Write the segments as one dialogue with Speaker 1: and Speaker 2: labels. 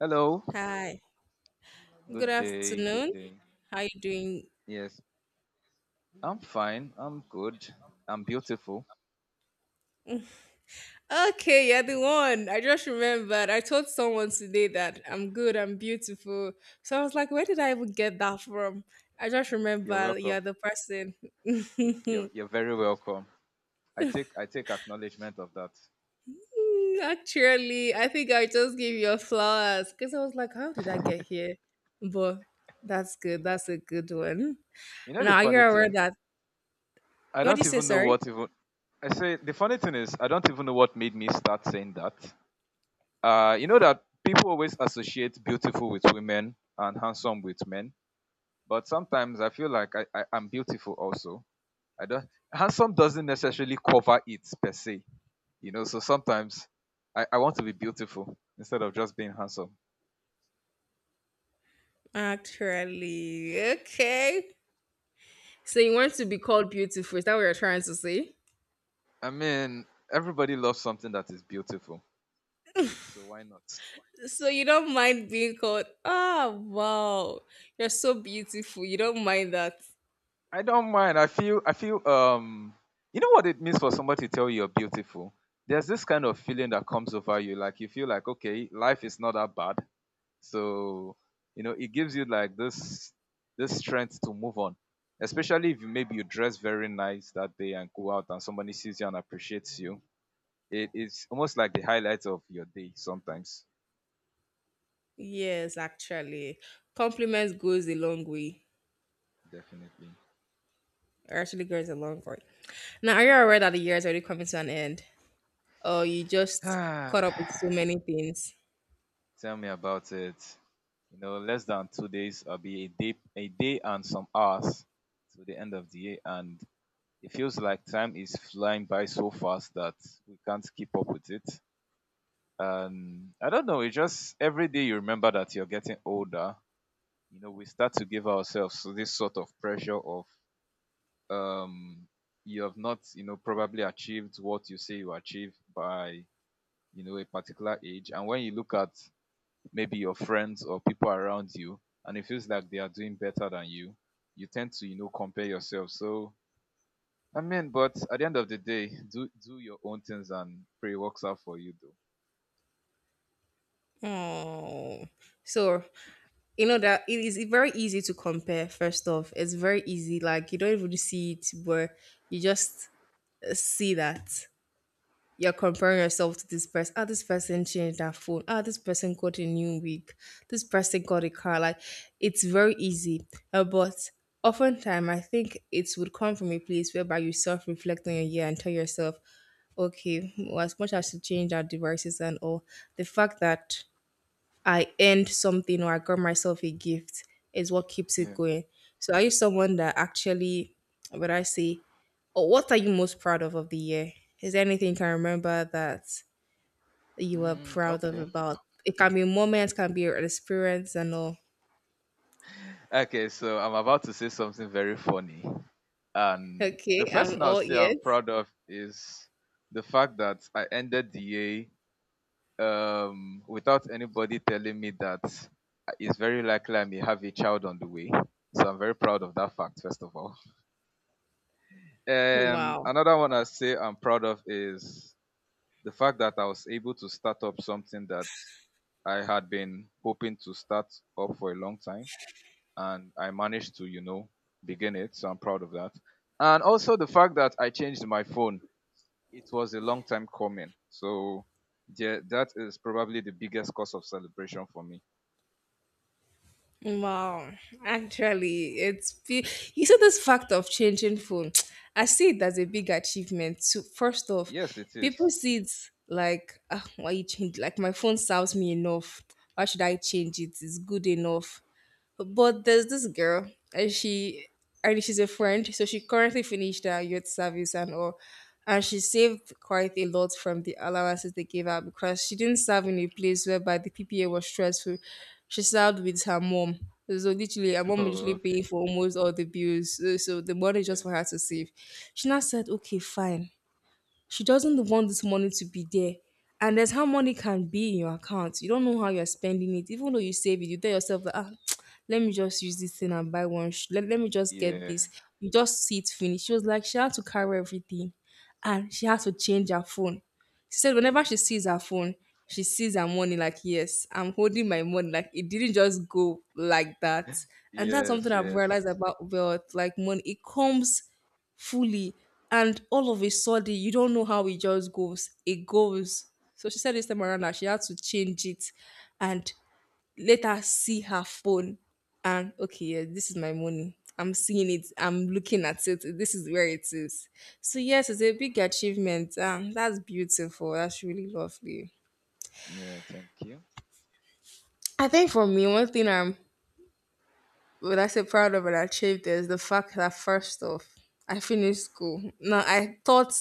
Speaker 1: Hello.
Speaker 2: Hi. Good
Speaker 1: Good day. Good
Speaker 2: afternoon.
Speaker 1: day.
Speaker 2: How you doing?
Speaker 1: Yes, I'm fine. I'm good. I'm beautiful.
Speaker 2: Okay, yeah, the one. I just remembered. I told someone today that I'm good, I'm beautiful. So I was like, where did I even get that from? I just
Speaker 1: You're
Speaker 2: remember
Speaker 1: welcome.
Speaker 2: you're the person.
Speaker 1: You're you're very welcome. I take acknowledgement of that.
Speaker 2: Actually, I think I just gave you a flowers because I was like, how did I get here? But that's good. That's a good one.
Speaker 1: You know the
Speaker 2: Now, are you
Speaker 1: funny
Speaker 2: aware
Speaker 1: thing?
Speaker 2: that?
Speaker 1: I
Speaker 2: What do you
Speaker 1: don't
Speaker 2: say,
Speaker 1: even know
Speaker 2: sorry?
Speaker 1: what even I say the funny thing is I don't even know what made me start saying that. You know that people always associate beautiful with women and handsome with men, but sometimes I feel like I'm beautiful also. I don't Handsome doesn't necessarily cover it per se. You know, so sometimes I want to be beautiful instead of just being handsome.
Speaker 2: Actually, okay. So you want to be called beautiful? Is that what you're trying to say?
Speaker 1: I mean, everybody loves something that is beautiful. So why not?
Speaker 2: So you don't mind being called, wow, you're so beautiful. You don't mind that.
Speaker 1: I don't mind. I feel you know what it means for somebody to tell you you're beautiful? There's this kind of feeling that comes over you, like you feel like okay, life is not that bad. So, you know, it gives you like this strength to move on. Especially if you maybe you dress very nice that day and go out and somebody sees you and appreciates you. It is almost like the highlight of your day sometimes.
Speaker 2: Yes, actually. Compliments goes a long way.
Speaker 1: Definitely.
Speaker 2: Or Actually goes a long way. Now, are you aware that the year is already coming to an end? Or you just caught up with so many things?
Speaker 1: Tell me about it. You know, less than 2 days, I'll be a day and some hours to the end of the year, and it feels like time is flying by so fast that we can't keep up with it. And I don't know, it's just every day you remember that you're getting older. You know, we start to give ourselves this sort of pressure of um, you have not, you know, probably achieved what you say you achieve by, you know, a particular age. And when you look at maybe your friends or people around you, and it feels like they are doing better than you, you tend to, you know, compare yourself. So, I mean, but at the end of the day, do your own things and pray it works out for you, though.
Speaker 2: Oh. So, you know that it is very easy to compare, first off. It's very easy. Like, you don't even see it, but you just see that. You're comparing yourself to this person. Ah, this person changed their phone. Ah, this person got a new wig. This person got a car. Like, it's very easy. But oftentimes, I think it would come from a place whereby you self reflect on your year and tell yourself, okay, well, as much as you change our devices and all, the fact that I earned something or I got myself a gift is what keeps it
Speaker 1: Yeah.
Speaker 2: going. So are you someone that actually, what would I say, or what are you most proud of the year? Is there anything you can remember that you are
Speaker 1: Mm,
Speaker 2: proud of
Speaker 1: okay.
Speaker 2: about? It can be moments, can be an experience and all.
Speaker 1: Okay. So I'm about to say something very funny, and
Speaker 2: Okay,
Speaker 1: the first
Speaker 2: I'm
Speaker 1: thing I'll
Speaker 2: all
Speaker 1: say I'm
Speaker 2: ears.
Speaker 1: proud of is the fact that I ended the year without anybody telling me that, it's very likely I may have a child on the way. So I'm very proud of that fact, first of all. And
Speaker 2: Wow.
Speaker 1: another one I say I'm proud of is the fact that I was able to start up something that I had been hoping to start up for a long time. And I managed to, you know, begin it. So I'm proud of that. And also the fact that I changed my phone. It was a long time coming. So yeah, that is probably the biggest cause of celebration for me.
Speaker 2: Wow, actually, you said this fact of changing phone. I see it as a big achievement. So first off,
Speaker 1: Yes, it is.
Speaker 2: people see it like, why you change? Like my phone serves me enough. Why should I change it? It's good enough. But there's this girl, and she's a friend, so she currently finished her youth service and all, and she saved quite a lot from the allowances they gave her because she didn't serve in a place whereby the PPA was stressful. She served with her mom. So literally, her mom was
Speaker 1: Oh,
Speaker 2: literally paying
Speaker 1: okay.
Speaker 2: for almost all the bills. So the money is just
Speaker 1: Yeah.
Speaker 2: for her to save. She now said, "Okay, fine. She doesn't want this money to be there. And there's how money can be in your account. You don't know how you're spending it. Even though you save it, you tell yourself that, let me just use this thing and buy one. Let me just get this.
Speaker 1: Yeah.
Speaker 2: You just see it finished. She was like, she had to carry everything and she had to change her phone. She said, whenever she sees her phone, she sees her money like, yes, I'm holding my money. Like, it didn't just go like that. And that's something
Speaker 1: Yes,
Speaker 2: I've
Speaker 1: yes.
Speaker 2: realized about wealth. Like, money, it comes fully. And all of a sudden, you don't know how it just goes. It goes. So she said this time around that she had to change it and let her see her phone. And okay, yeah, this is my money. I'm seeing it. I'm looking at it. This is where it is. So yes, it's a big achievement. That's beautiful. That's really lovely.
Speaker 1: Yeah, thank you.
Speaker 2: I think for me, one thing I'm what I say proud of and achieved is the fact that first off, I finished school. Now I thought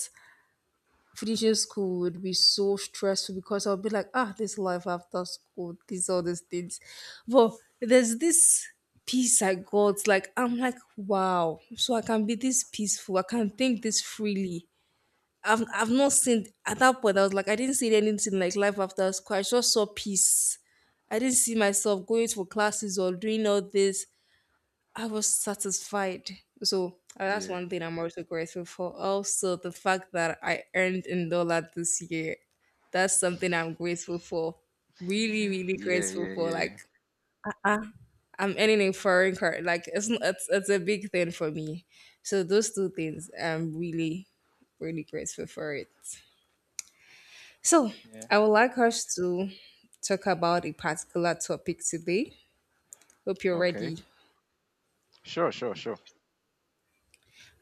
Speaker 2: finishing school would be so stressful because I'll be like, this life after school, these all these things. But there's this peace I got, like I'm like, wow, so I can be this peaceful, I can think this freely. I've not seen at that point I was like, I didn't see anything like life after school. I just saw peace. I didn't see myself going for classes or doing all this. I was satisfied. So that's
Speaker 1: Yeah.
Speaker 2: one thing I'm also grateful for. Also, the fact that I earned in dollar this year, that's something I'm grateful for. Really, really
Speaker 1: Yeah,
Speaker 2: grateful
Speaker 1: yeah,
Speaker 2: for. Like
Speaker 1: yeah.
Speaker 2: I'm earning in foreign currency. Like it's, n- it's a big thing for me. So those two things, I'm really, really grateful for it. So
Speaker 1: Yeah.
Speaker 2: I would like us to talk about a particular topic today. Hope you're
Speaker 1: Okay.
Speaker 2: ready.
Speaker 1: Sure, sure, sure.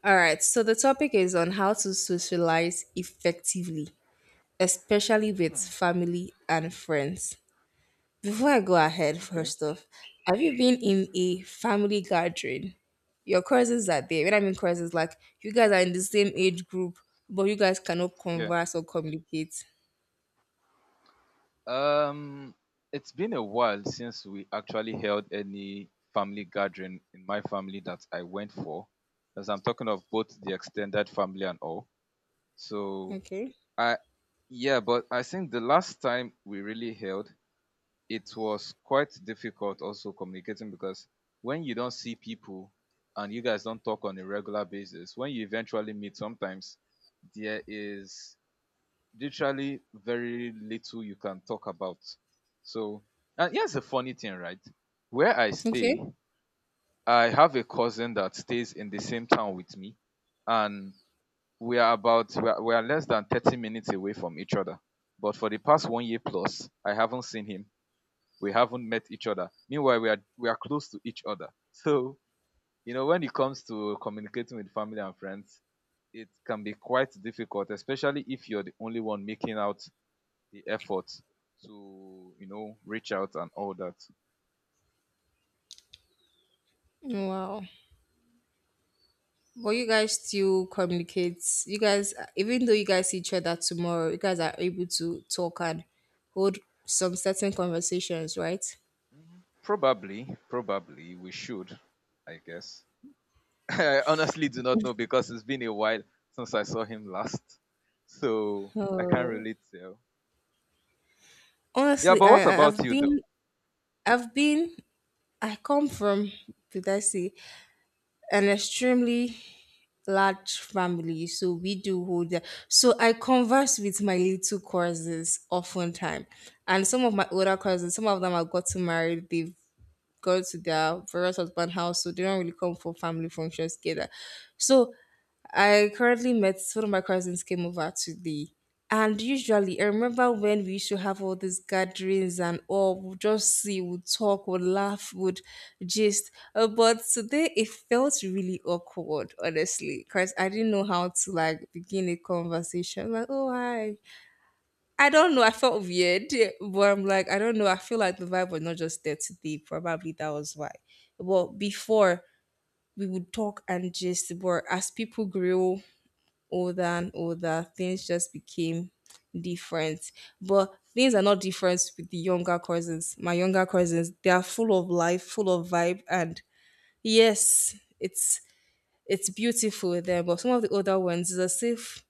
Speaker 2: All right, so the topic is on how to socialize effectively, especially with
Speaker 1: Hmm.
Speaker 2: family and friends. Before I go ahead,
Speaker 1: Okay.
Speaker 2: first off, have you been in a family gathering? Your cousins are there. When I mean cousins, like you guys are in the same age group, but you guys cannot
Speaker 1: Yeah.
Speaker 2: converse or communicate.
Speaker 1: Um it's been a while since we actually held any family gathering in my family that I went for. As I'm talking of both the extended family and all. So
Speaker 2: Okay.
Speaker 1: I yeah, but I think the last time we really held, it was quite difficult also communicating because when you don't see people and you guys don't talk on a regular basis, when you eventually meet, sometimes there is literally very little you can talk about. So, and here's a funny thing, right? Where I
Speaker 2: Okay.
Speaker 1: stay, I have a cousin that stays in the same town with me, and we are about we are less than 30 minutes away from each other. But for the past 1 year plus, I haven't seen him, we haven't met each other. Meanwhile, we are close to each other. So you know, when it comes to communicating with family and friends, it can be quite difficult, especially if you're the only one making out the effort to, you know, reach out and all that.
Speaker 2: Wow. But you guys still communicate. You guys, even though you guys see each other tomorrow, you guys are able to talk and hold some certain conversations, right?
Speaker 1: Probably we should, I guess. I honestly do not know because it's been a while since I saw him last. So I can't
Speaker 2: Oh,
Speaker 1: really tell. Yeah,
Speaker 2: honestly,
Speaker 1: but what about you though?
Speaker 2: I've been I come from did I say an extremely large family, so we do hold that. So I converse with my little cousins often time, and some of my older cousins, some of them have gotten married. They've go to their various husband house, so they don't really come for family functions together. So I currently met one of my cousins came over to the and usually I remember when we used to have all these gatherings and all we'll just see, we'll talk, we'll laugh, would gist. But today it felt really awkward, honestly, because I didn't know how to like begin a conversation. Like, oh hi, I don't know. I felt weird, but I'm like, I don't know. I feel like the vibe was not just there today. Probably that was why. But before we would talk and just, but as people grew older and older, things just became different. But things are not different with the younger cousins. My younger cousins, they are full of life, full of vibe, and yes, it's beautiful there. But some of the older ones, it's as if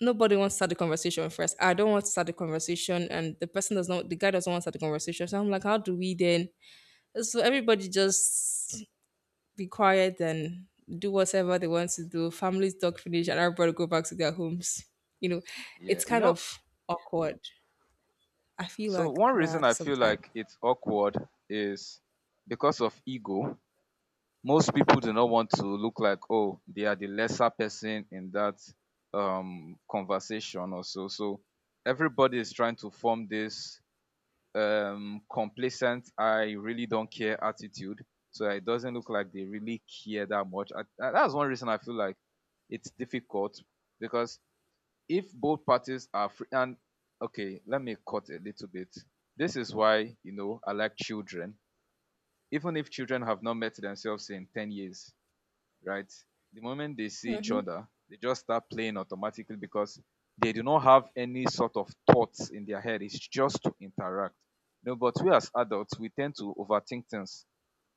Speaker 2: nobody wants to start the conversation first. I don't want to start the conversation, and the person does not, the guy doesn't want to start the conversation. So I'm like, how do we then? So everybody just be quiet and do whatever they want to do. Families talk, finish, and everybody go back to their homes. You know,
Speaker 1: Yeah,
Speaker 2: it's
Speaker 1: you
Speaker 2: kind
Speaker 1: know.
Speaker 2: of awkward. I feel
Speaker 1: So
Speaker 2: like
Speaker 1: one reason
Speaker 2: that
Speaker 1: I feel
Speaker 2: sometimes.
Speaker 1: like it's awkward is because of ego. Most people do not want to look like oh, they are the lesser person in that conversation or so. So everybody is trying to form this complacent I really don't care attitude. So it doesn't look like they really care that much. That's one reason I feel like it's difficult, because if both parties are free and okay, let me cut a little bit. This is why, you know, I like children. Even if children have not met themselves in 10 years, right, the moment they see each other they just start playing automatically, because they do not have any sort of thoughts in their head, it's just to interact. You know, but we as adults, we tend to overthink things.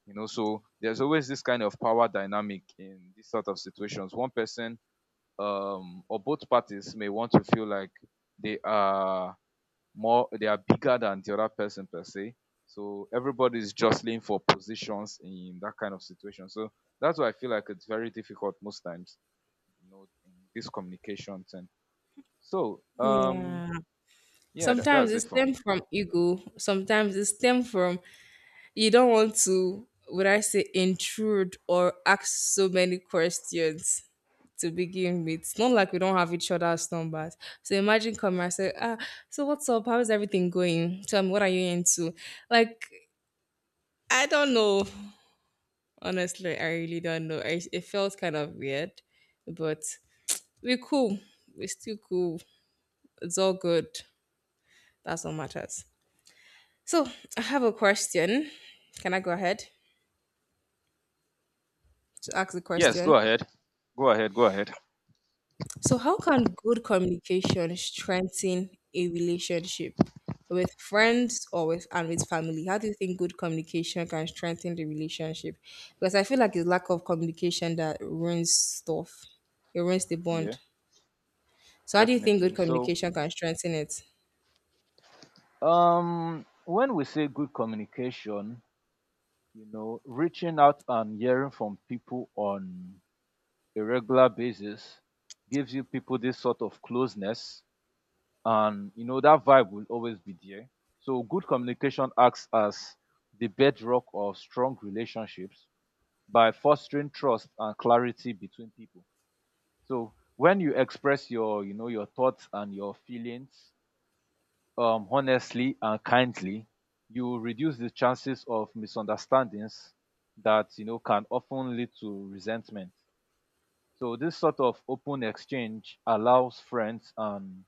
Speaker 1: You know, so there's always this kind of power dynamic in these sort of situations. One person, or both parties may want to feel like they are they are bigger than the other person per se. So everybody is jostling for positions in that kind of situation. So that's why I feel like it's very difficult most times, you know, in this communication thing. so um
Speaker 2: Yeah.
Speaker 1: yeah,
Speaker 2: Sometimes
Speaker 1: that's
Speaker 2: it
Speaker 1: it for me.
Speaker 2: stems from ego. Sometimes it stems from you don't want to would I say intrude or ask so many questions to begin with. It's not like we don't have each other's numbers, so imagine coming and say so what's up, how's everything going, tell me what are you into. Like, I don't know. Honestly, I really don't know. It felt kind of weird, but we're cool, we're still cool, it's all good. That's what matters. So I have a question. Can I go ahead to ask the
Speaker 1: Yes, go
Speaker 2: question?
Speaker 1: ahead. Go ahead, go ahead.
Speaker 2: So, how can good communication strengthen a relationship with friends or with and with family? How do you think good communication can strengthen the relationship? Because I feel like it's lack of communication that ruins stuff. It ruins the
Speaker 1: Yeah.
Speaker 2: bond. So, how do you think good
Speaker 1: Definitely. So,
Speaker 2: communication can strengthen it?
Speaker 1: when we say good communication, you know, reaching out and hearing from people on a regular basis gives you people this sort of closeness, and you know that vibe will always be there. So good communication acts as the bedrock of strong relationships, by fostering trust and clarity between people. So when you express your, you know, your thoughts and your feelings honestly and kindly, you reduce the chances of misunderstandings that, you know, can often lead to resentment. So this sort of open exchange allows friends and,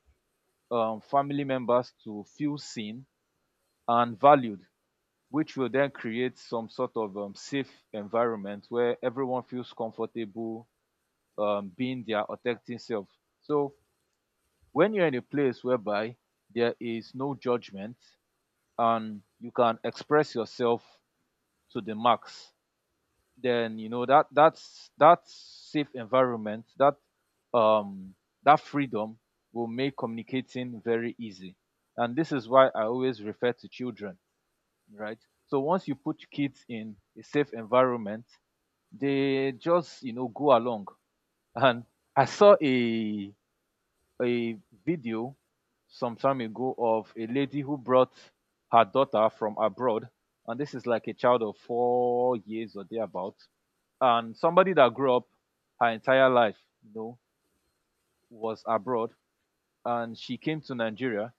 Speaker 1: family members to feel seen and valued, which will then create some sort of safe environment where everyone feels comfortable, being their authentic self. So when you're in a place whereby there is no judgment and you can express yourself to the max, then you know that that's that safe environment, that um that freedom will make communicating very easy. And this is why I always refer to children, right? So once you put kids in a safe environment, they just, you know, go along. And I saw a video some time ago of a lady who brought her daughter from abroad, and this is like a child of 4 years or thereabout, and somebody that grew up her entire life, you know, was abroad, and she came to Nigeria.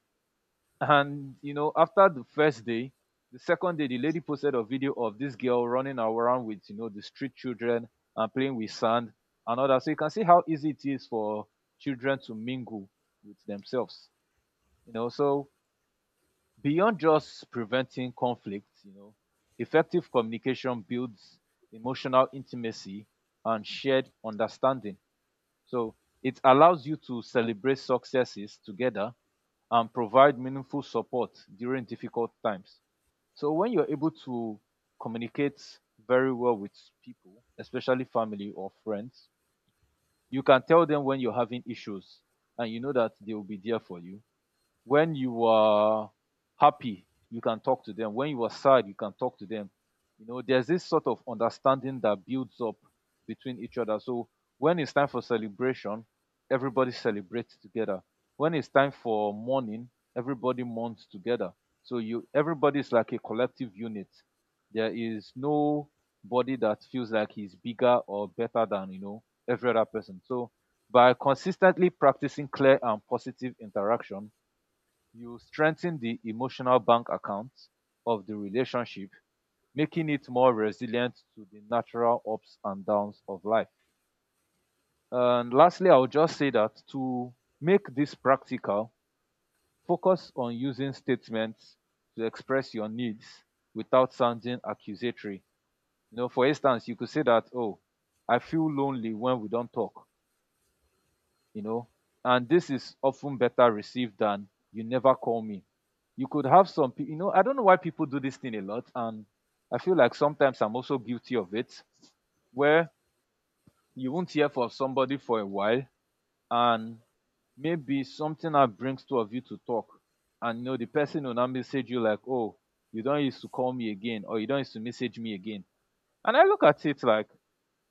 Speaker 1: And, you know, after the first day, the second day, the lady posted a video of this girl running around with, you know, the street children and playing with sand and all that. So you can see how easy it is for children to mingle with themselves, you know. So beyond just preventing conflict, you know, effective communication builds emotional intimacy and shared understanding. So it allows you to celebrate successes together and provide meaningful support during difficult times. So when you're able to communicate very well with people, especially family or friends, you can tell them when you're having issues, and you know that they will be there for you. When you are happy, you can talk to them. When you are sad, you can talk to them. You know, there's this sort of understanding that builds up between each other. So when it's time for celebration, everybody celebrates together. When it's time for mourning, everybody mourns together. So you, everybody is like a collective unit. There is nobody that feels like he's bigger or better than, you know, every other person. So by consistently practicing clear and positive interaction, you strengthen the emotional bank account of the relationship, making it more resilient to the natural ups and downs of life. And lastly, I'll just say that to make this practical, focus on using statements to express your needs without sounding accusatory. You know, for instance, you could say that, oh, I feel lonely when we don't talk, you know, and this is often better received than you never call me. You could have some people, you know, I don't know why people do this thing a lot, and I feel like sometimes I'm also guilty of it, where you won't hear from somebody for a while, and maybe something that brings two of you to talk, and you know the person will now message you like, oh, you don't used to call me again or you don't used to message me again. And I look at it like,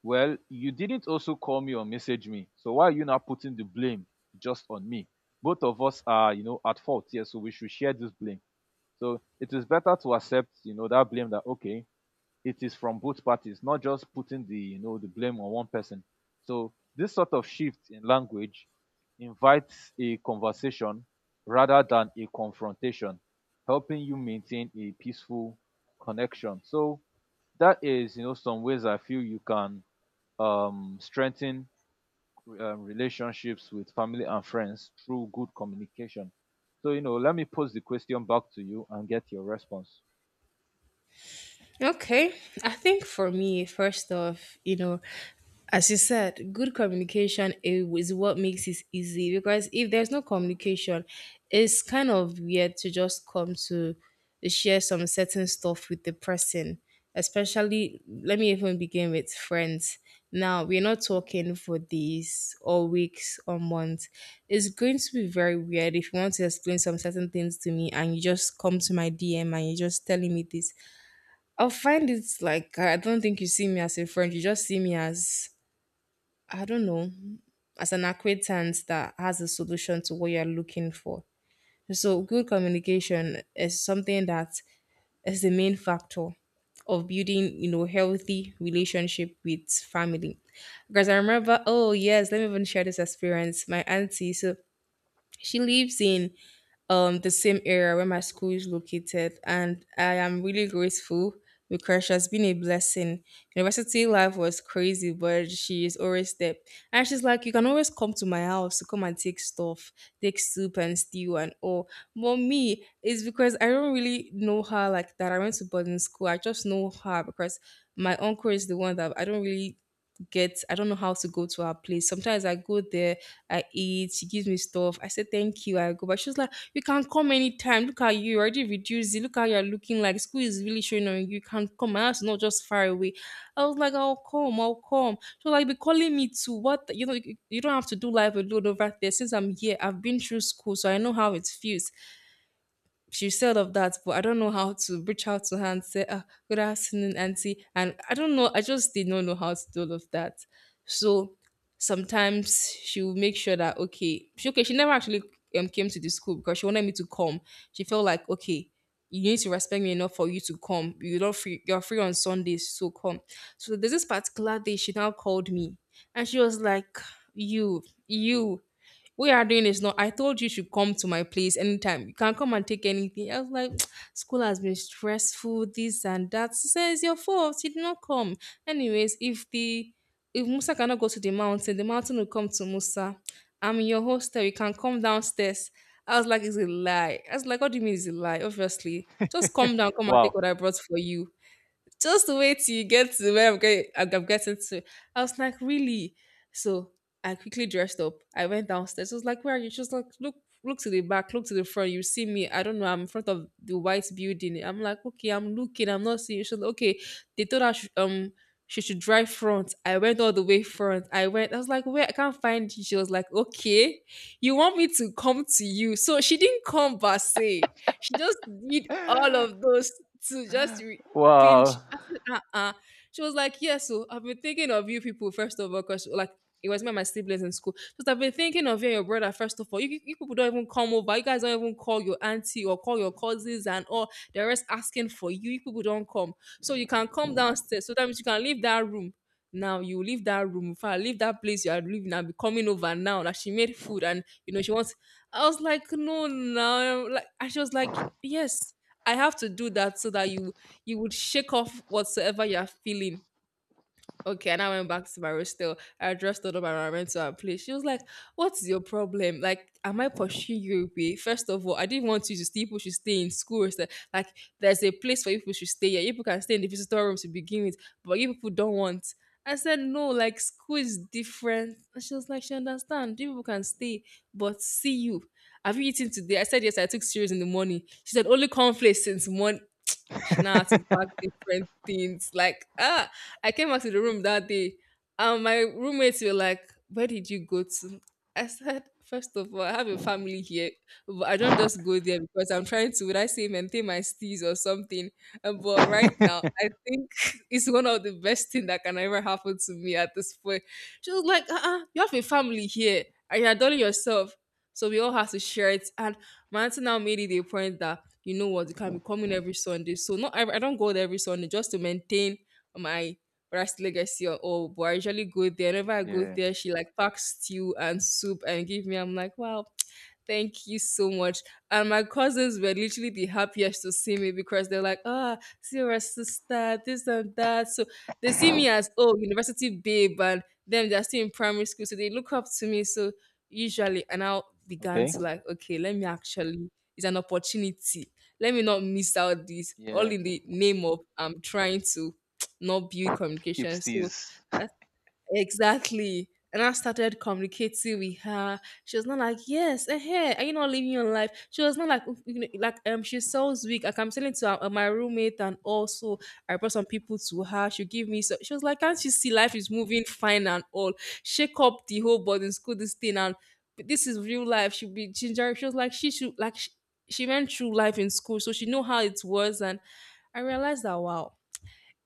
Speaker 1: well, you didn't also call me or message me. So why are you now putting the blame just on me? Both of us are, you know, at fault here, so we should share this blame. So it is better to accept, you know, that blame that okay, it is from both parties, not just putting the blame on one person. So this sort of shift in language invites a conversation rather than a confrontation, helping you maintain a peaceful connection. So that is, you know, some ways I feel you can strengthen relationships with family and friends through good communication. So, you know, let me pose the question back to you and get your response.
Speaker 2: Okay. I think for me, first off, you know, as you said, good communication is what makes it easy because if there's no communication, it's kind of weird to just come to share some certain stuff with the person. Especially, let me even begin with friends. Now, we're not talking for days or weeks or months. It's going to be very weird if you want to explain some certain things to me and you just come to my DM and you're just telling me this. I'll find it like I don't think you see me as a friend. You just see me as I don't know, as an acquaintance that has a solution to what you're looking for. So good communication is something that is the main factor of building, you know, healthy relationship with family. Because I remember, oh yes, let me even share this experience. My auntie, so she lives in the same area where my school is located, and I am really grateful because she has been a blessing. University life was crazy, but she is always there, and she's like, you can always come to my house to come and take stuff, take soup and stew and all. But me, it's because I don't really know her like that. I went to boarding school. I just know her because my uncle is the one that I don't really get. I don't know how to go to her place. Sometimes I go there. I eat. She gives me stuff. I say thank you. I go, but she's like, you can come anytime. Look at you, you already reduced it. Look how you're looking, like school is really showing on you. You can come. My house is not just far away. I was like, I'll come, I'll come. So like be calling me to what you know, you don't have to do life alone over there. Since I'm here, I've been through school, so I know how it feels. She said of that, but I don't know how to reach out to her and say, ah, good afternoon, auntie. And I don't know, I just did not know how to do all of that. So sometimes she'll make sure that, okay, she never actually came to the school because she wanted me to come. She felt like, okay, you need to respect me enough for you to come. You're not free, you're free on Sundays, so come. So there's this particular day she now called me and she was like, you we are doing is not. I told you should come to my place anytime. You can come and take anything. I was like, school has been stressful, this and that. She says it's your fault. You did not come. Anyways, if Musa cannot go to the mountain will come to Musa. I'm in your hostel. You can come downstairs. I was like, it's a lie. I was like, what do you mean it's a lie? Obviously, just come down, come and take
Speaker 1: Wow.
Speaker 2: what I brought for you, just wait till you get to where I'm getting to. I was like, really? So I quickly dressed up. I went downstairs. I was like, where are you? She was like, look, look to the back, look to the front. You see me. I don't know. I'm in front of the white building. I'm like, okay, I'm looking. I'm not seeing you. She was like, okay. They told her, she should drive front. I went all the way front. I went. I was like, where? I can't find you. She was like, okay, you want me to come to you? So she didn't come per se. She just did all of those to just pinch.
Speaker 1: Wow.
Speaker 2: I said, uh-uh. She was like, yeah, so I've been thinking of you people, first of all, because like it was me and my siblings in school. Just I've been thinking of you and your brother, first of all. You people don't even come over. You guys don't even call your auntie or call your cousins and all. They're just asking for you. You people don't come. So you can come downstairs. So that means you can leave that room. Now you leave that room. If I leave that place you are living, I'll be coming over now. Like she made food and you know she wants. I was like, no, no. Like and she was like, yes, I have to do that so that you would shake off whatsoever you are feeling. Okay, and I went back to my hostel. I addressed all of my environment to our place. She was like, what's your problem? Like, am I pursuing you away? First of all, I didn't want you to stay. People should stay in school. So, like, there's a place for you people should stay here. You people can stay in the visitor room to begin with, but you people don't want. I said, no, like, school is different. And she was like, she understand. You people can stay, but see you. Have you eaten today? I said, yes, I took cereals in the morning. She said, only cornflakes since morning. She now had to pack different things. Like, ah, I came back to the room that day, and my roommates were like, where did you go to? I said, first of all, I have a family here, but I don't just go there because I'm trying to, would I say, maintain my steez or something. But right now, I think it's one of the best thing that can ever happen to me at this point. She was like, uh-uh, you have a family here and you're doing yourself. So we all have to share it. And my auntie now made it a point that, you know what, you can be coming every Sunday. So not I don't go there every Sunday just to maintain my rice legacy or all. But I usually go there. Whenever I go
Speaker 1: Yeah.
Speaker 2: there, she like packs stew and soup and give me. I'm like, wow, thank you so much. And my cousins were literally the happiest to see me because they're like, ah, see your sister, this and that. So they see me as, oh, university babe, and them they're still in primary school, so they look up to me. So usually, and I began
Speaker 1: Okay.
Speaker 2: to like, okay, let me actually. It's an opportunity, let me not miss out this all
Speaker 1: Yeah.
Speaker 2: in the name of I'm trying to not build
Speaker 1: Keeps
Speaker 2: communication. So
Speaker 1: these.
Speaker 2: exactly. And I started communicating with her. She was not like, yes, eh, hey, are you not living your life? She was not like, oh, you know, like she sounds weak. Like I'm telling to my roommate, and also I brought some people to her. She give me, so she was like, can't you see life is moving fine and all? Shake up the whole boarding school this thing, and this is real life. She be ginger. She was like, she should like she went through life in school, so she know how it was. And I realized that wow,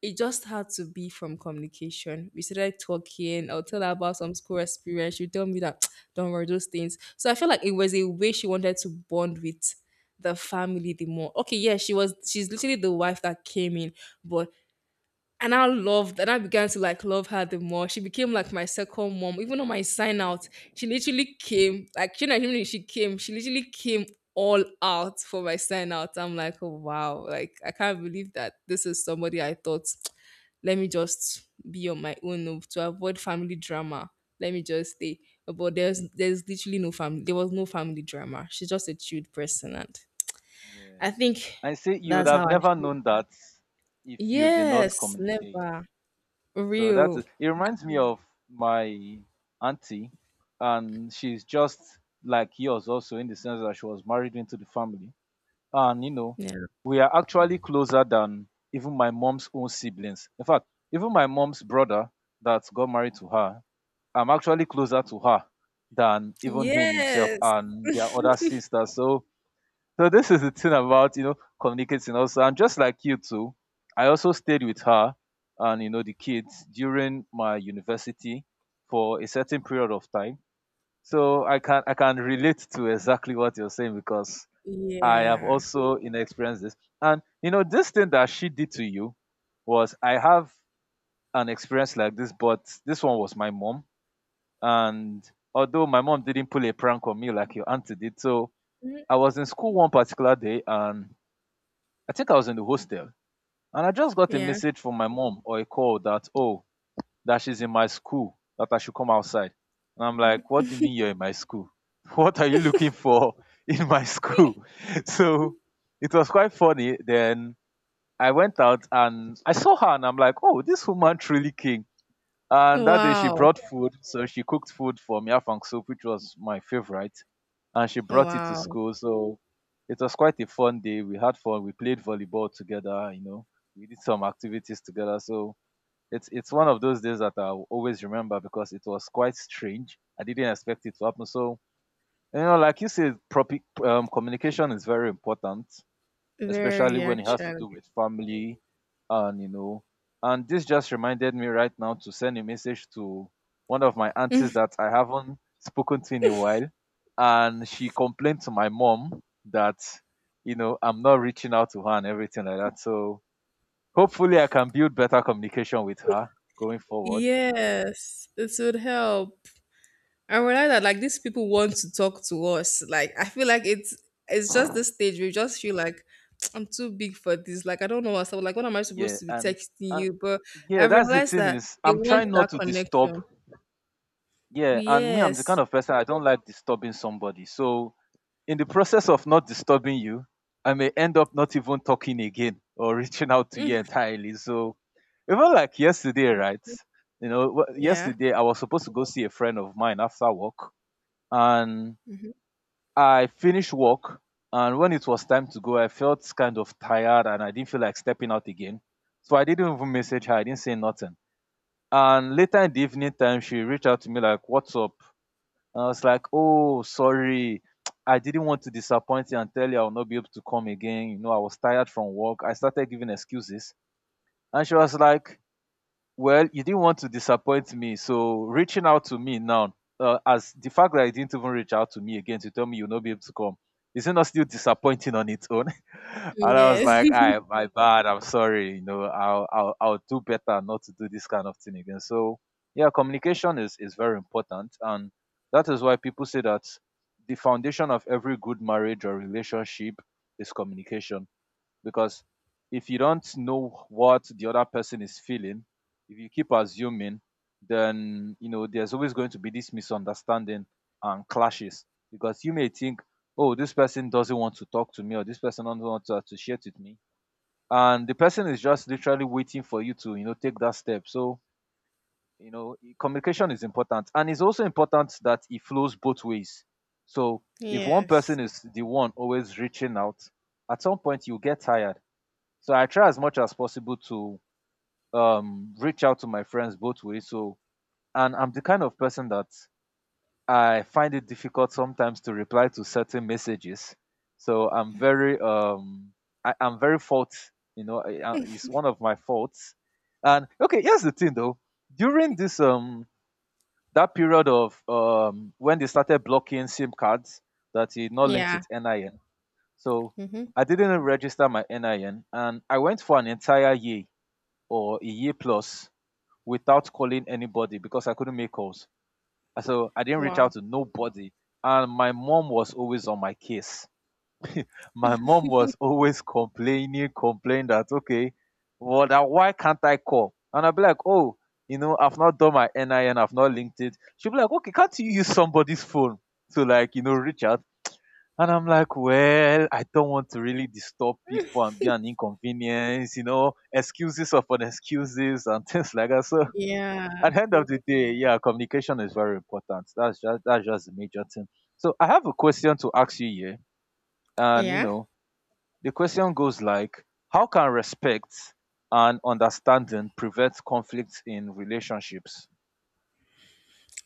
Speaker 2: it just had to be from communication. We started talking.
Speaker 1: Yeah,
Speaker 2: I'll tell her
Speaker 1: definitely.
Speaker 2: about some school experience. She'll tell me that don't worry those things. So I feel like it was a way she wanted to bond with the family the more. Okay, yeah, she's literally the wife that came in, but and I loved, and I began to like love her the more. She became like my second mom. Even on my sign out, she literally came, like she not even she came, she literally came all out for my sign out. I'm like, oh wow, like I can't believe that this is somebody I thought, let me just be on my own oh, to avoid family drama. Let me just stay. But there's literally no family. There was no family drama. She's just a chilled person, and I
Speaker 1: Yes.
Speaker 2: think
Speaker 1: I say you would
Speaker 2: that's how
Speaker 1: have
Speaker 2: I
Speaker 1: never
Speaker 2: feel.
Speaker 1: known that if you did not
Speaker 2: Yes,
Speaker 1: communicate.
Speaker 2: never
Speaker 1: So
Speaker 2: real.
Speaker 1: it reminds me of my auntie, and she's just like yours also in the sense that she was married into the family, and you know,
Speaker 2: Yeah.
Speaker 1: we are actually closer than even my mom's own siblings. In fact, even my mom's brother that got married to her, I'm actually closer to her than even him himself
Speaker 2: Yes.
Speaker 1: and their other sisters. So this is the thing about, you know, communicating also. And just like you too, I also stayed with her and you know the kids during my university for a certain period of time. So I can relate to exactly what you're saying because I have
Speaker 2: Yeah.
Speaker 1: also, you know, experienced this. And you know this thing that she did to you was I have an experience like this, but this one was my mom. And although my mom didn't pull a prank on me like your auntie did, so I was in school one particular day and I think I was in the hostel and I just got a
Speaker 2: Yeah.
Speaker 1: message from my mom or a call that oh that she's in my school that I should come outside. And I'm like, what do you mean you're in my school? What are you looking for in my school? So it was quite funny. Then I went out and I saw her and I'm like, oh, this woman truly came. And that day she
Speaker 2: Wow.
Speaker 1: brought food. So she cooked food for me, afang soup, which was my favorite, and she brought it to
Speaker 2: Wow.
Speaker 1: school. So it was quite a fun day. We had fun. We played volleyball together. You know, we did some activities together. So it's one of those days that I'll always remember because it was quite strange. I didn't expect it to happen. So you know, like you said, proper communication is very important, especially
Speaker 2: Very
Speaker 1: when it has to
Speaker 2: actually.
Speaker 1: do with family, and you know, and this just reminded me right now to send a message to one of my aunties that I haven't spoken to in a while, and she complained to my mom that you know I'm not reaching out to her and everything like that, so hopefully I can build better communication with her going forward.
Speaker 2: Yes. This would help. I realize that like these people want to talk to us. Like I feel like it's just this stage where you just feel like I'm too big for this. Like I don't know what's up. Like what am I
Speaker 1: yeah
Speaker 2: supposed to be
Speaker 1: and
Speaker 2: texting
Speaker 1: and
Speaker 2: you? But I
Speaker 1: yeah, that's the
Speaker 2: realized
Speaker 1: thing,
Speaker 2: that
Speaker 1: is
Speaker 2: they
Speaker 1: I'm
Speaker 2: want
Speaker 1: trying not
Speaker 2: that
Speaker 1: to disturb,
Speaker 2: connection.
Speaker 1: yeah. And me, I'm the kind
Speaker 2: Yes.
Speaker 1: of person, I don't like disturbing somebody, so in the process of not disturbing you, I may end up not even talking again or reaching out to you
Speaker 2: Mm.
Speaker 1: entirely. So even like yesterday, right? You know,
Speaker 2: Yeah.
Speaker 1: yesterday I was supposed to go see a friend of mine after work, and
Speaker 2: Hmm.
Speaker 1: I finished work. And when it was time to go, I felt kind of tired and I didn't feel like stepping out again. So I didn't even message her, I didn't say nothing. And later in the evening time, she reached out to me like, what's up? And I was like, "Oh, sorry. I didn't want to disappoint you and tell you I will not be able to come again. You know, I was tired from work." I started giving excuses, and she was like, well, you didn't want to disappoint me, so reaching out to me now, as the fact that you didn't even reach out to me again to tell me you'll not be able to come, isn't that still disappointing on its own? And I was
Speaker 2: Yes.
Speaker 1: like, I, my bad, I'm sorry, you know, I'll do better not to do this kind of thing again. So, yeah, communication is very important. And that is why people say that the foundation of every good marriage or relationship is communication, because if you don't know what the other person is feeling, if you keep assuming, then you know there's always going to be this misunderstanding and clashes, because you may think oh this person doesn't want to talk to me or this person doesn't want to associate with me, and the person is just literally waiting for you to, you know, take that step. So you know communication is important and it's also important that it flows both ways, so if one
Speaker 2: yes.
Speaker 1: person is the one always reaching out, at some point you get tired. So I try as much as possible to reach out to my friends both ways. So, and I'm the kind of person that I find it difficult sometimes to reply to certain messages. So I'm very, I'm very fault. You know, it's one of my faults. And okay, here's the thing though. During this that period of when they started blocking SIM cards that is not linked
Speaker 2: Yeah.
Speaker 1: with NIN, so
Speaker 2: Hmm.
Speaker 1: I didn't register my NIN, and I went for an entire year or a year plus without calling anybody because I couldn't make calls. So I didn't reach
Speaker 2: Wow.
Speaker 1: out to nobody. And my mom was always on my case. My mom was always complaining that, okay, well, that why can't I call? And I'd be like, oh, you know, I've not done my NIN, I've not linked it. She'd be like, okay, can't you use somebody's phone to, like, you know, reach out? And I'm like, well, I don't want to really disturb people and be an inconvenience, you know, excuses upon excuses and things like that. So
Speaker 2: Yeah.
Speaker 1: at the end of the day, yeah, communication is very important. That's just a major thing. So I have a question to ask you here, and you
Speaker 2: Yeah.
Speaker 1: know, the question goes like, how can respect and understanding prevent conflicts in relationships?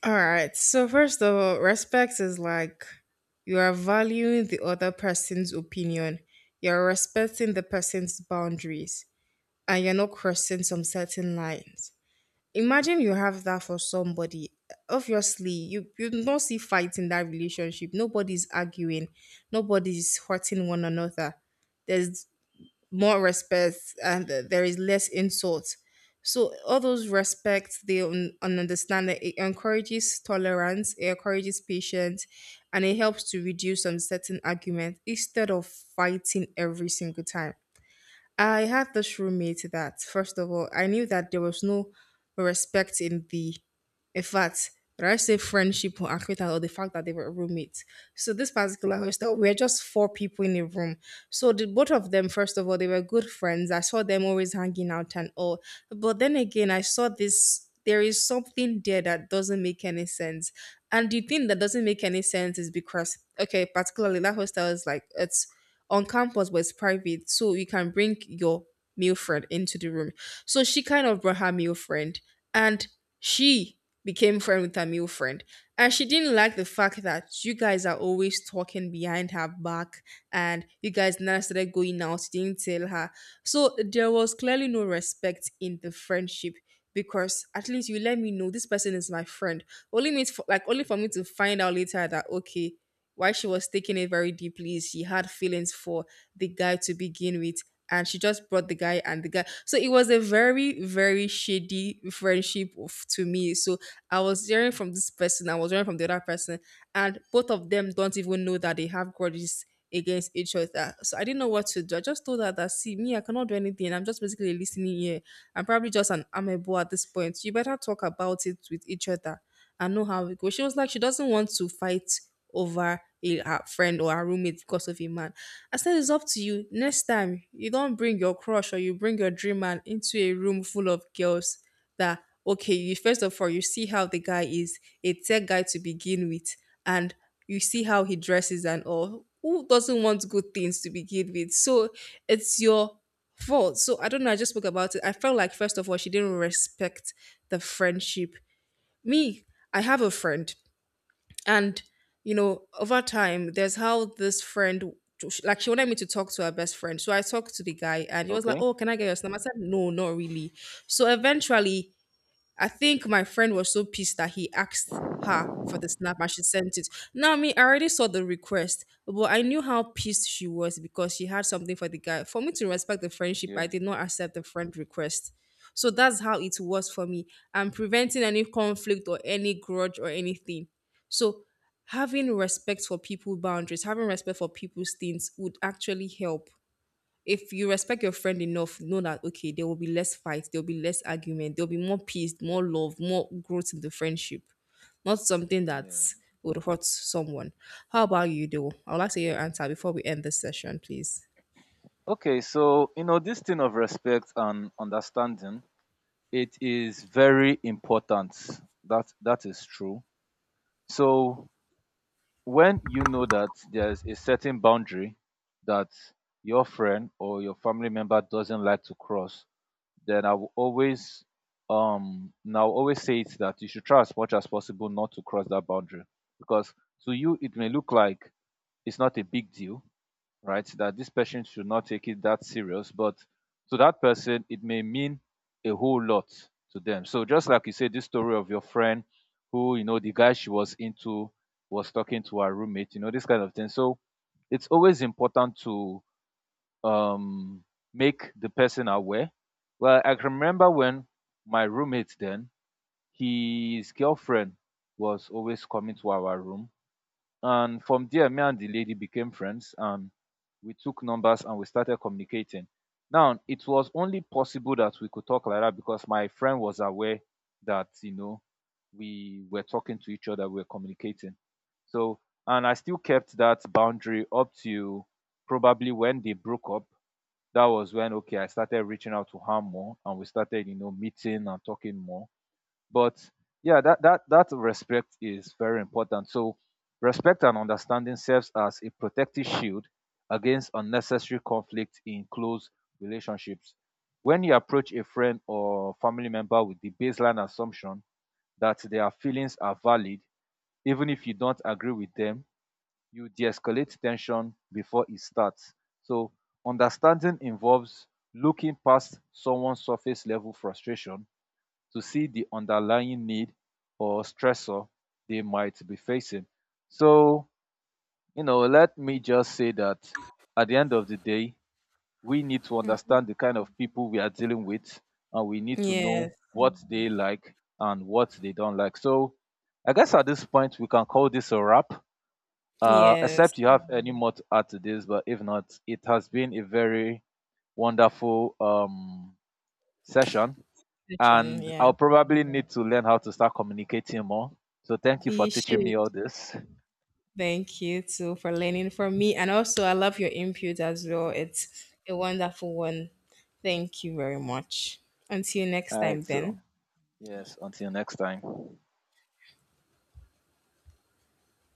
Speaker 2: All right. So first of all, respect is like you are valuing the other person's opinion. You're respecting the person's boundaries and you're not crossing some certain lines. Imagine you have that for somebody. Obviously, you don't see fight in that relationship. Nobody's arguing, nobody's hurting one another. There's more respect and there is less insult. So all those respect, they understand that it encourages tolerance, it encourages patience, and it helps to reduce some certain argument instead of fighting every single time. I had this roommate that, first of all, I knew that there was no respect in the, in fact, did I say friendship or acquaintance or the fact that they were roommates? So this particular hostel, we are just four people in a room. So the both of them, first of all, they were good friends. I saw them always hanging out and all. But then again, I saw this. There is something there that doesn't make any sense. And the thing that doesn't make any sense is because, okay, particularly that hostel is like it's on campus but it's private, so you can bring your male friend into the room. So she kind of brought her male friend, and she became friend with her male friend, and she didn't like the fact that you guys are always talking behind her back, and you guys never started going out. She didn't tell her. So there was clearly no respect in the friendship, because at least you let me know this person is my friend. Only means for, like only for me to find out later that okay, while she was taking it very deeply, she had feelings for the guy to begin with, and she just brought the guy and the guy. So it was a very, very shady friendship of, to me. So I was hearing from this person, I was hearing from the other person, and both of them don't even know that they have grudges against each other. So I didn't know what to do. I just told her that, see me, I cannot do anything. I'm just basically listening here. I'm probably just an amebo at this point. You better talk about it with each other and know how it goes. She was like she doesn't want to fight over a her friend or her roommate because of a man. I said it's up to you. Next time you don't bring your crush or you bring your dream man into a room full of girls, that okay, you first of all you see how the guy is, a tech guy to begin with, and you see how he dresses and all. Who doesn't want good things to begin with? So it's your fault. So I don't know. I just spoke about it. I felt like first of all she didn't respect the friendship. Me, I have a friend, and you know over time there's how this friend, like she wanted me to talk to her best friend, so I talked to the guy and he was like,
Speaker 1: Okay,
Speaker 2: oh, can I get your number? I said, no, not really. So eventually I think my friend was so pissed that he asked her for the snap and she sent it. Now, me, I already saw the request, but I knew how pissed she was because she had something for the guy. For me to respect the friendship,
Speaker 1: yeah,
Speaker 2: I did not accept the friend request. So that's how it was for me. I'm preventing any conflict or any grudge or anything. So having respect for people boundaries, having respect for people's things would actually help. If you respect your friend enough, know that, okay, there will be less fight, there will be less argument, there will be more peace, more love, more growth in the friendship. Not something that
Speaker 1: yeah.
Speaker 2: would hurt someone. How about you, though? I would like to hear your answer before we end this session, please.
Speaker 1: Okay, so you know this thing of respect and understanding, it is very important. That is true. So when you know that there's a certain boundary that your friend or your family member doesn't like to cross, then I will always say it that you should try as much as possible not to cross that boundary, because to you it may look like it's not a big deal, right? That this person should not take it that serious, but to that person, it may mean a whole lot to them. So just like you said, this story of your friend who, you know, the guy she was into was talking to her roommate, you know, this kind of thing. So it's always important to um, make the person aware. Well, I can remember when my roommate then, his girlfriend was always coming to our room, and from there, me and the lady became friends, and we took numbers and we started communicating. Now, it was only possible that we could talk like that because my friend was aware that, you know, we were talking to each other, we were communicating. So, and I still kept that boundary up to probably when they broke up. That was when, okay, I started reaching out to her more and we started, you know, meeting and talking more. But yeah, that respect is very important. So respect and understanding serves as a protective shield against unnecessary conflict in close relationships. When you approach a friend or family member with the baseline assumption that their feelings are valid, even if you don't agree with them, you de-escalate tension before it starts. So understanding involves looking past someone's surface level frustration to see the underlying need or stressor they might be facing. So, you know, let me just say that at the end of the day, we need to understand the kind of people we are dealing with and we need to know
Speaker 2: Yes.
Speaker 1: what they like and what they don't like. So, I guess at this point, we can call this a wrap,
Speaker 2: Yes.
Speaker 1: except you have any more to add to this, but if not, it has been a very wonderful session,
Speaker 2: Session.
Speaker 1: and
Speaker 2: Yes.
Speaker 1: I'll probably need to learn how to start communicating more. So thank you for
Speaker 2: You
Speaker 1: teaching me
Speaker 2: should.
Speaker 1: all this.
Speaker 2: Thank you too for learning from me. And also, I love your input as well. It's a wonderful one. Thank you very
Speaker 1: Mm.
Speaker 2: much. Until next
Speaker 1: All
Speaker 2: time,
Speaker 1: right,
Speaker 2: then.
Speaker 1: so yes, until next time.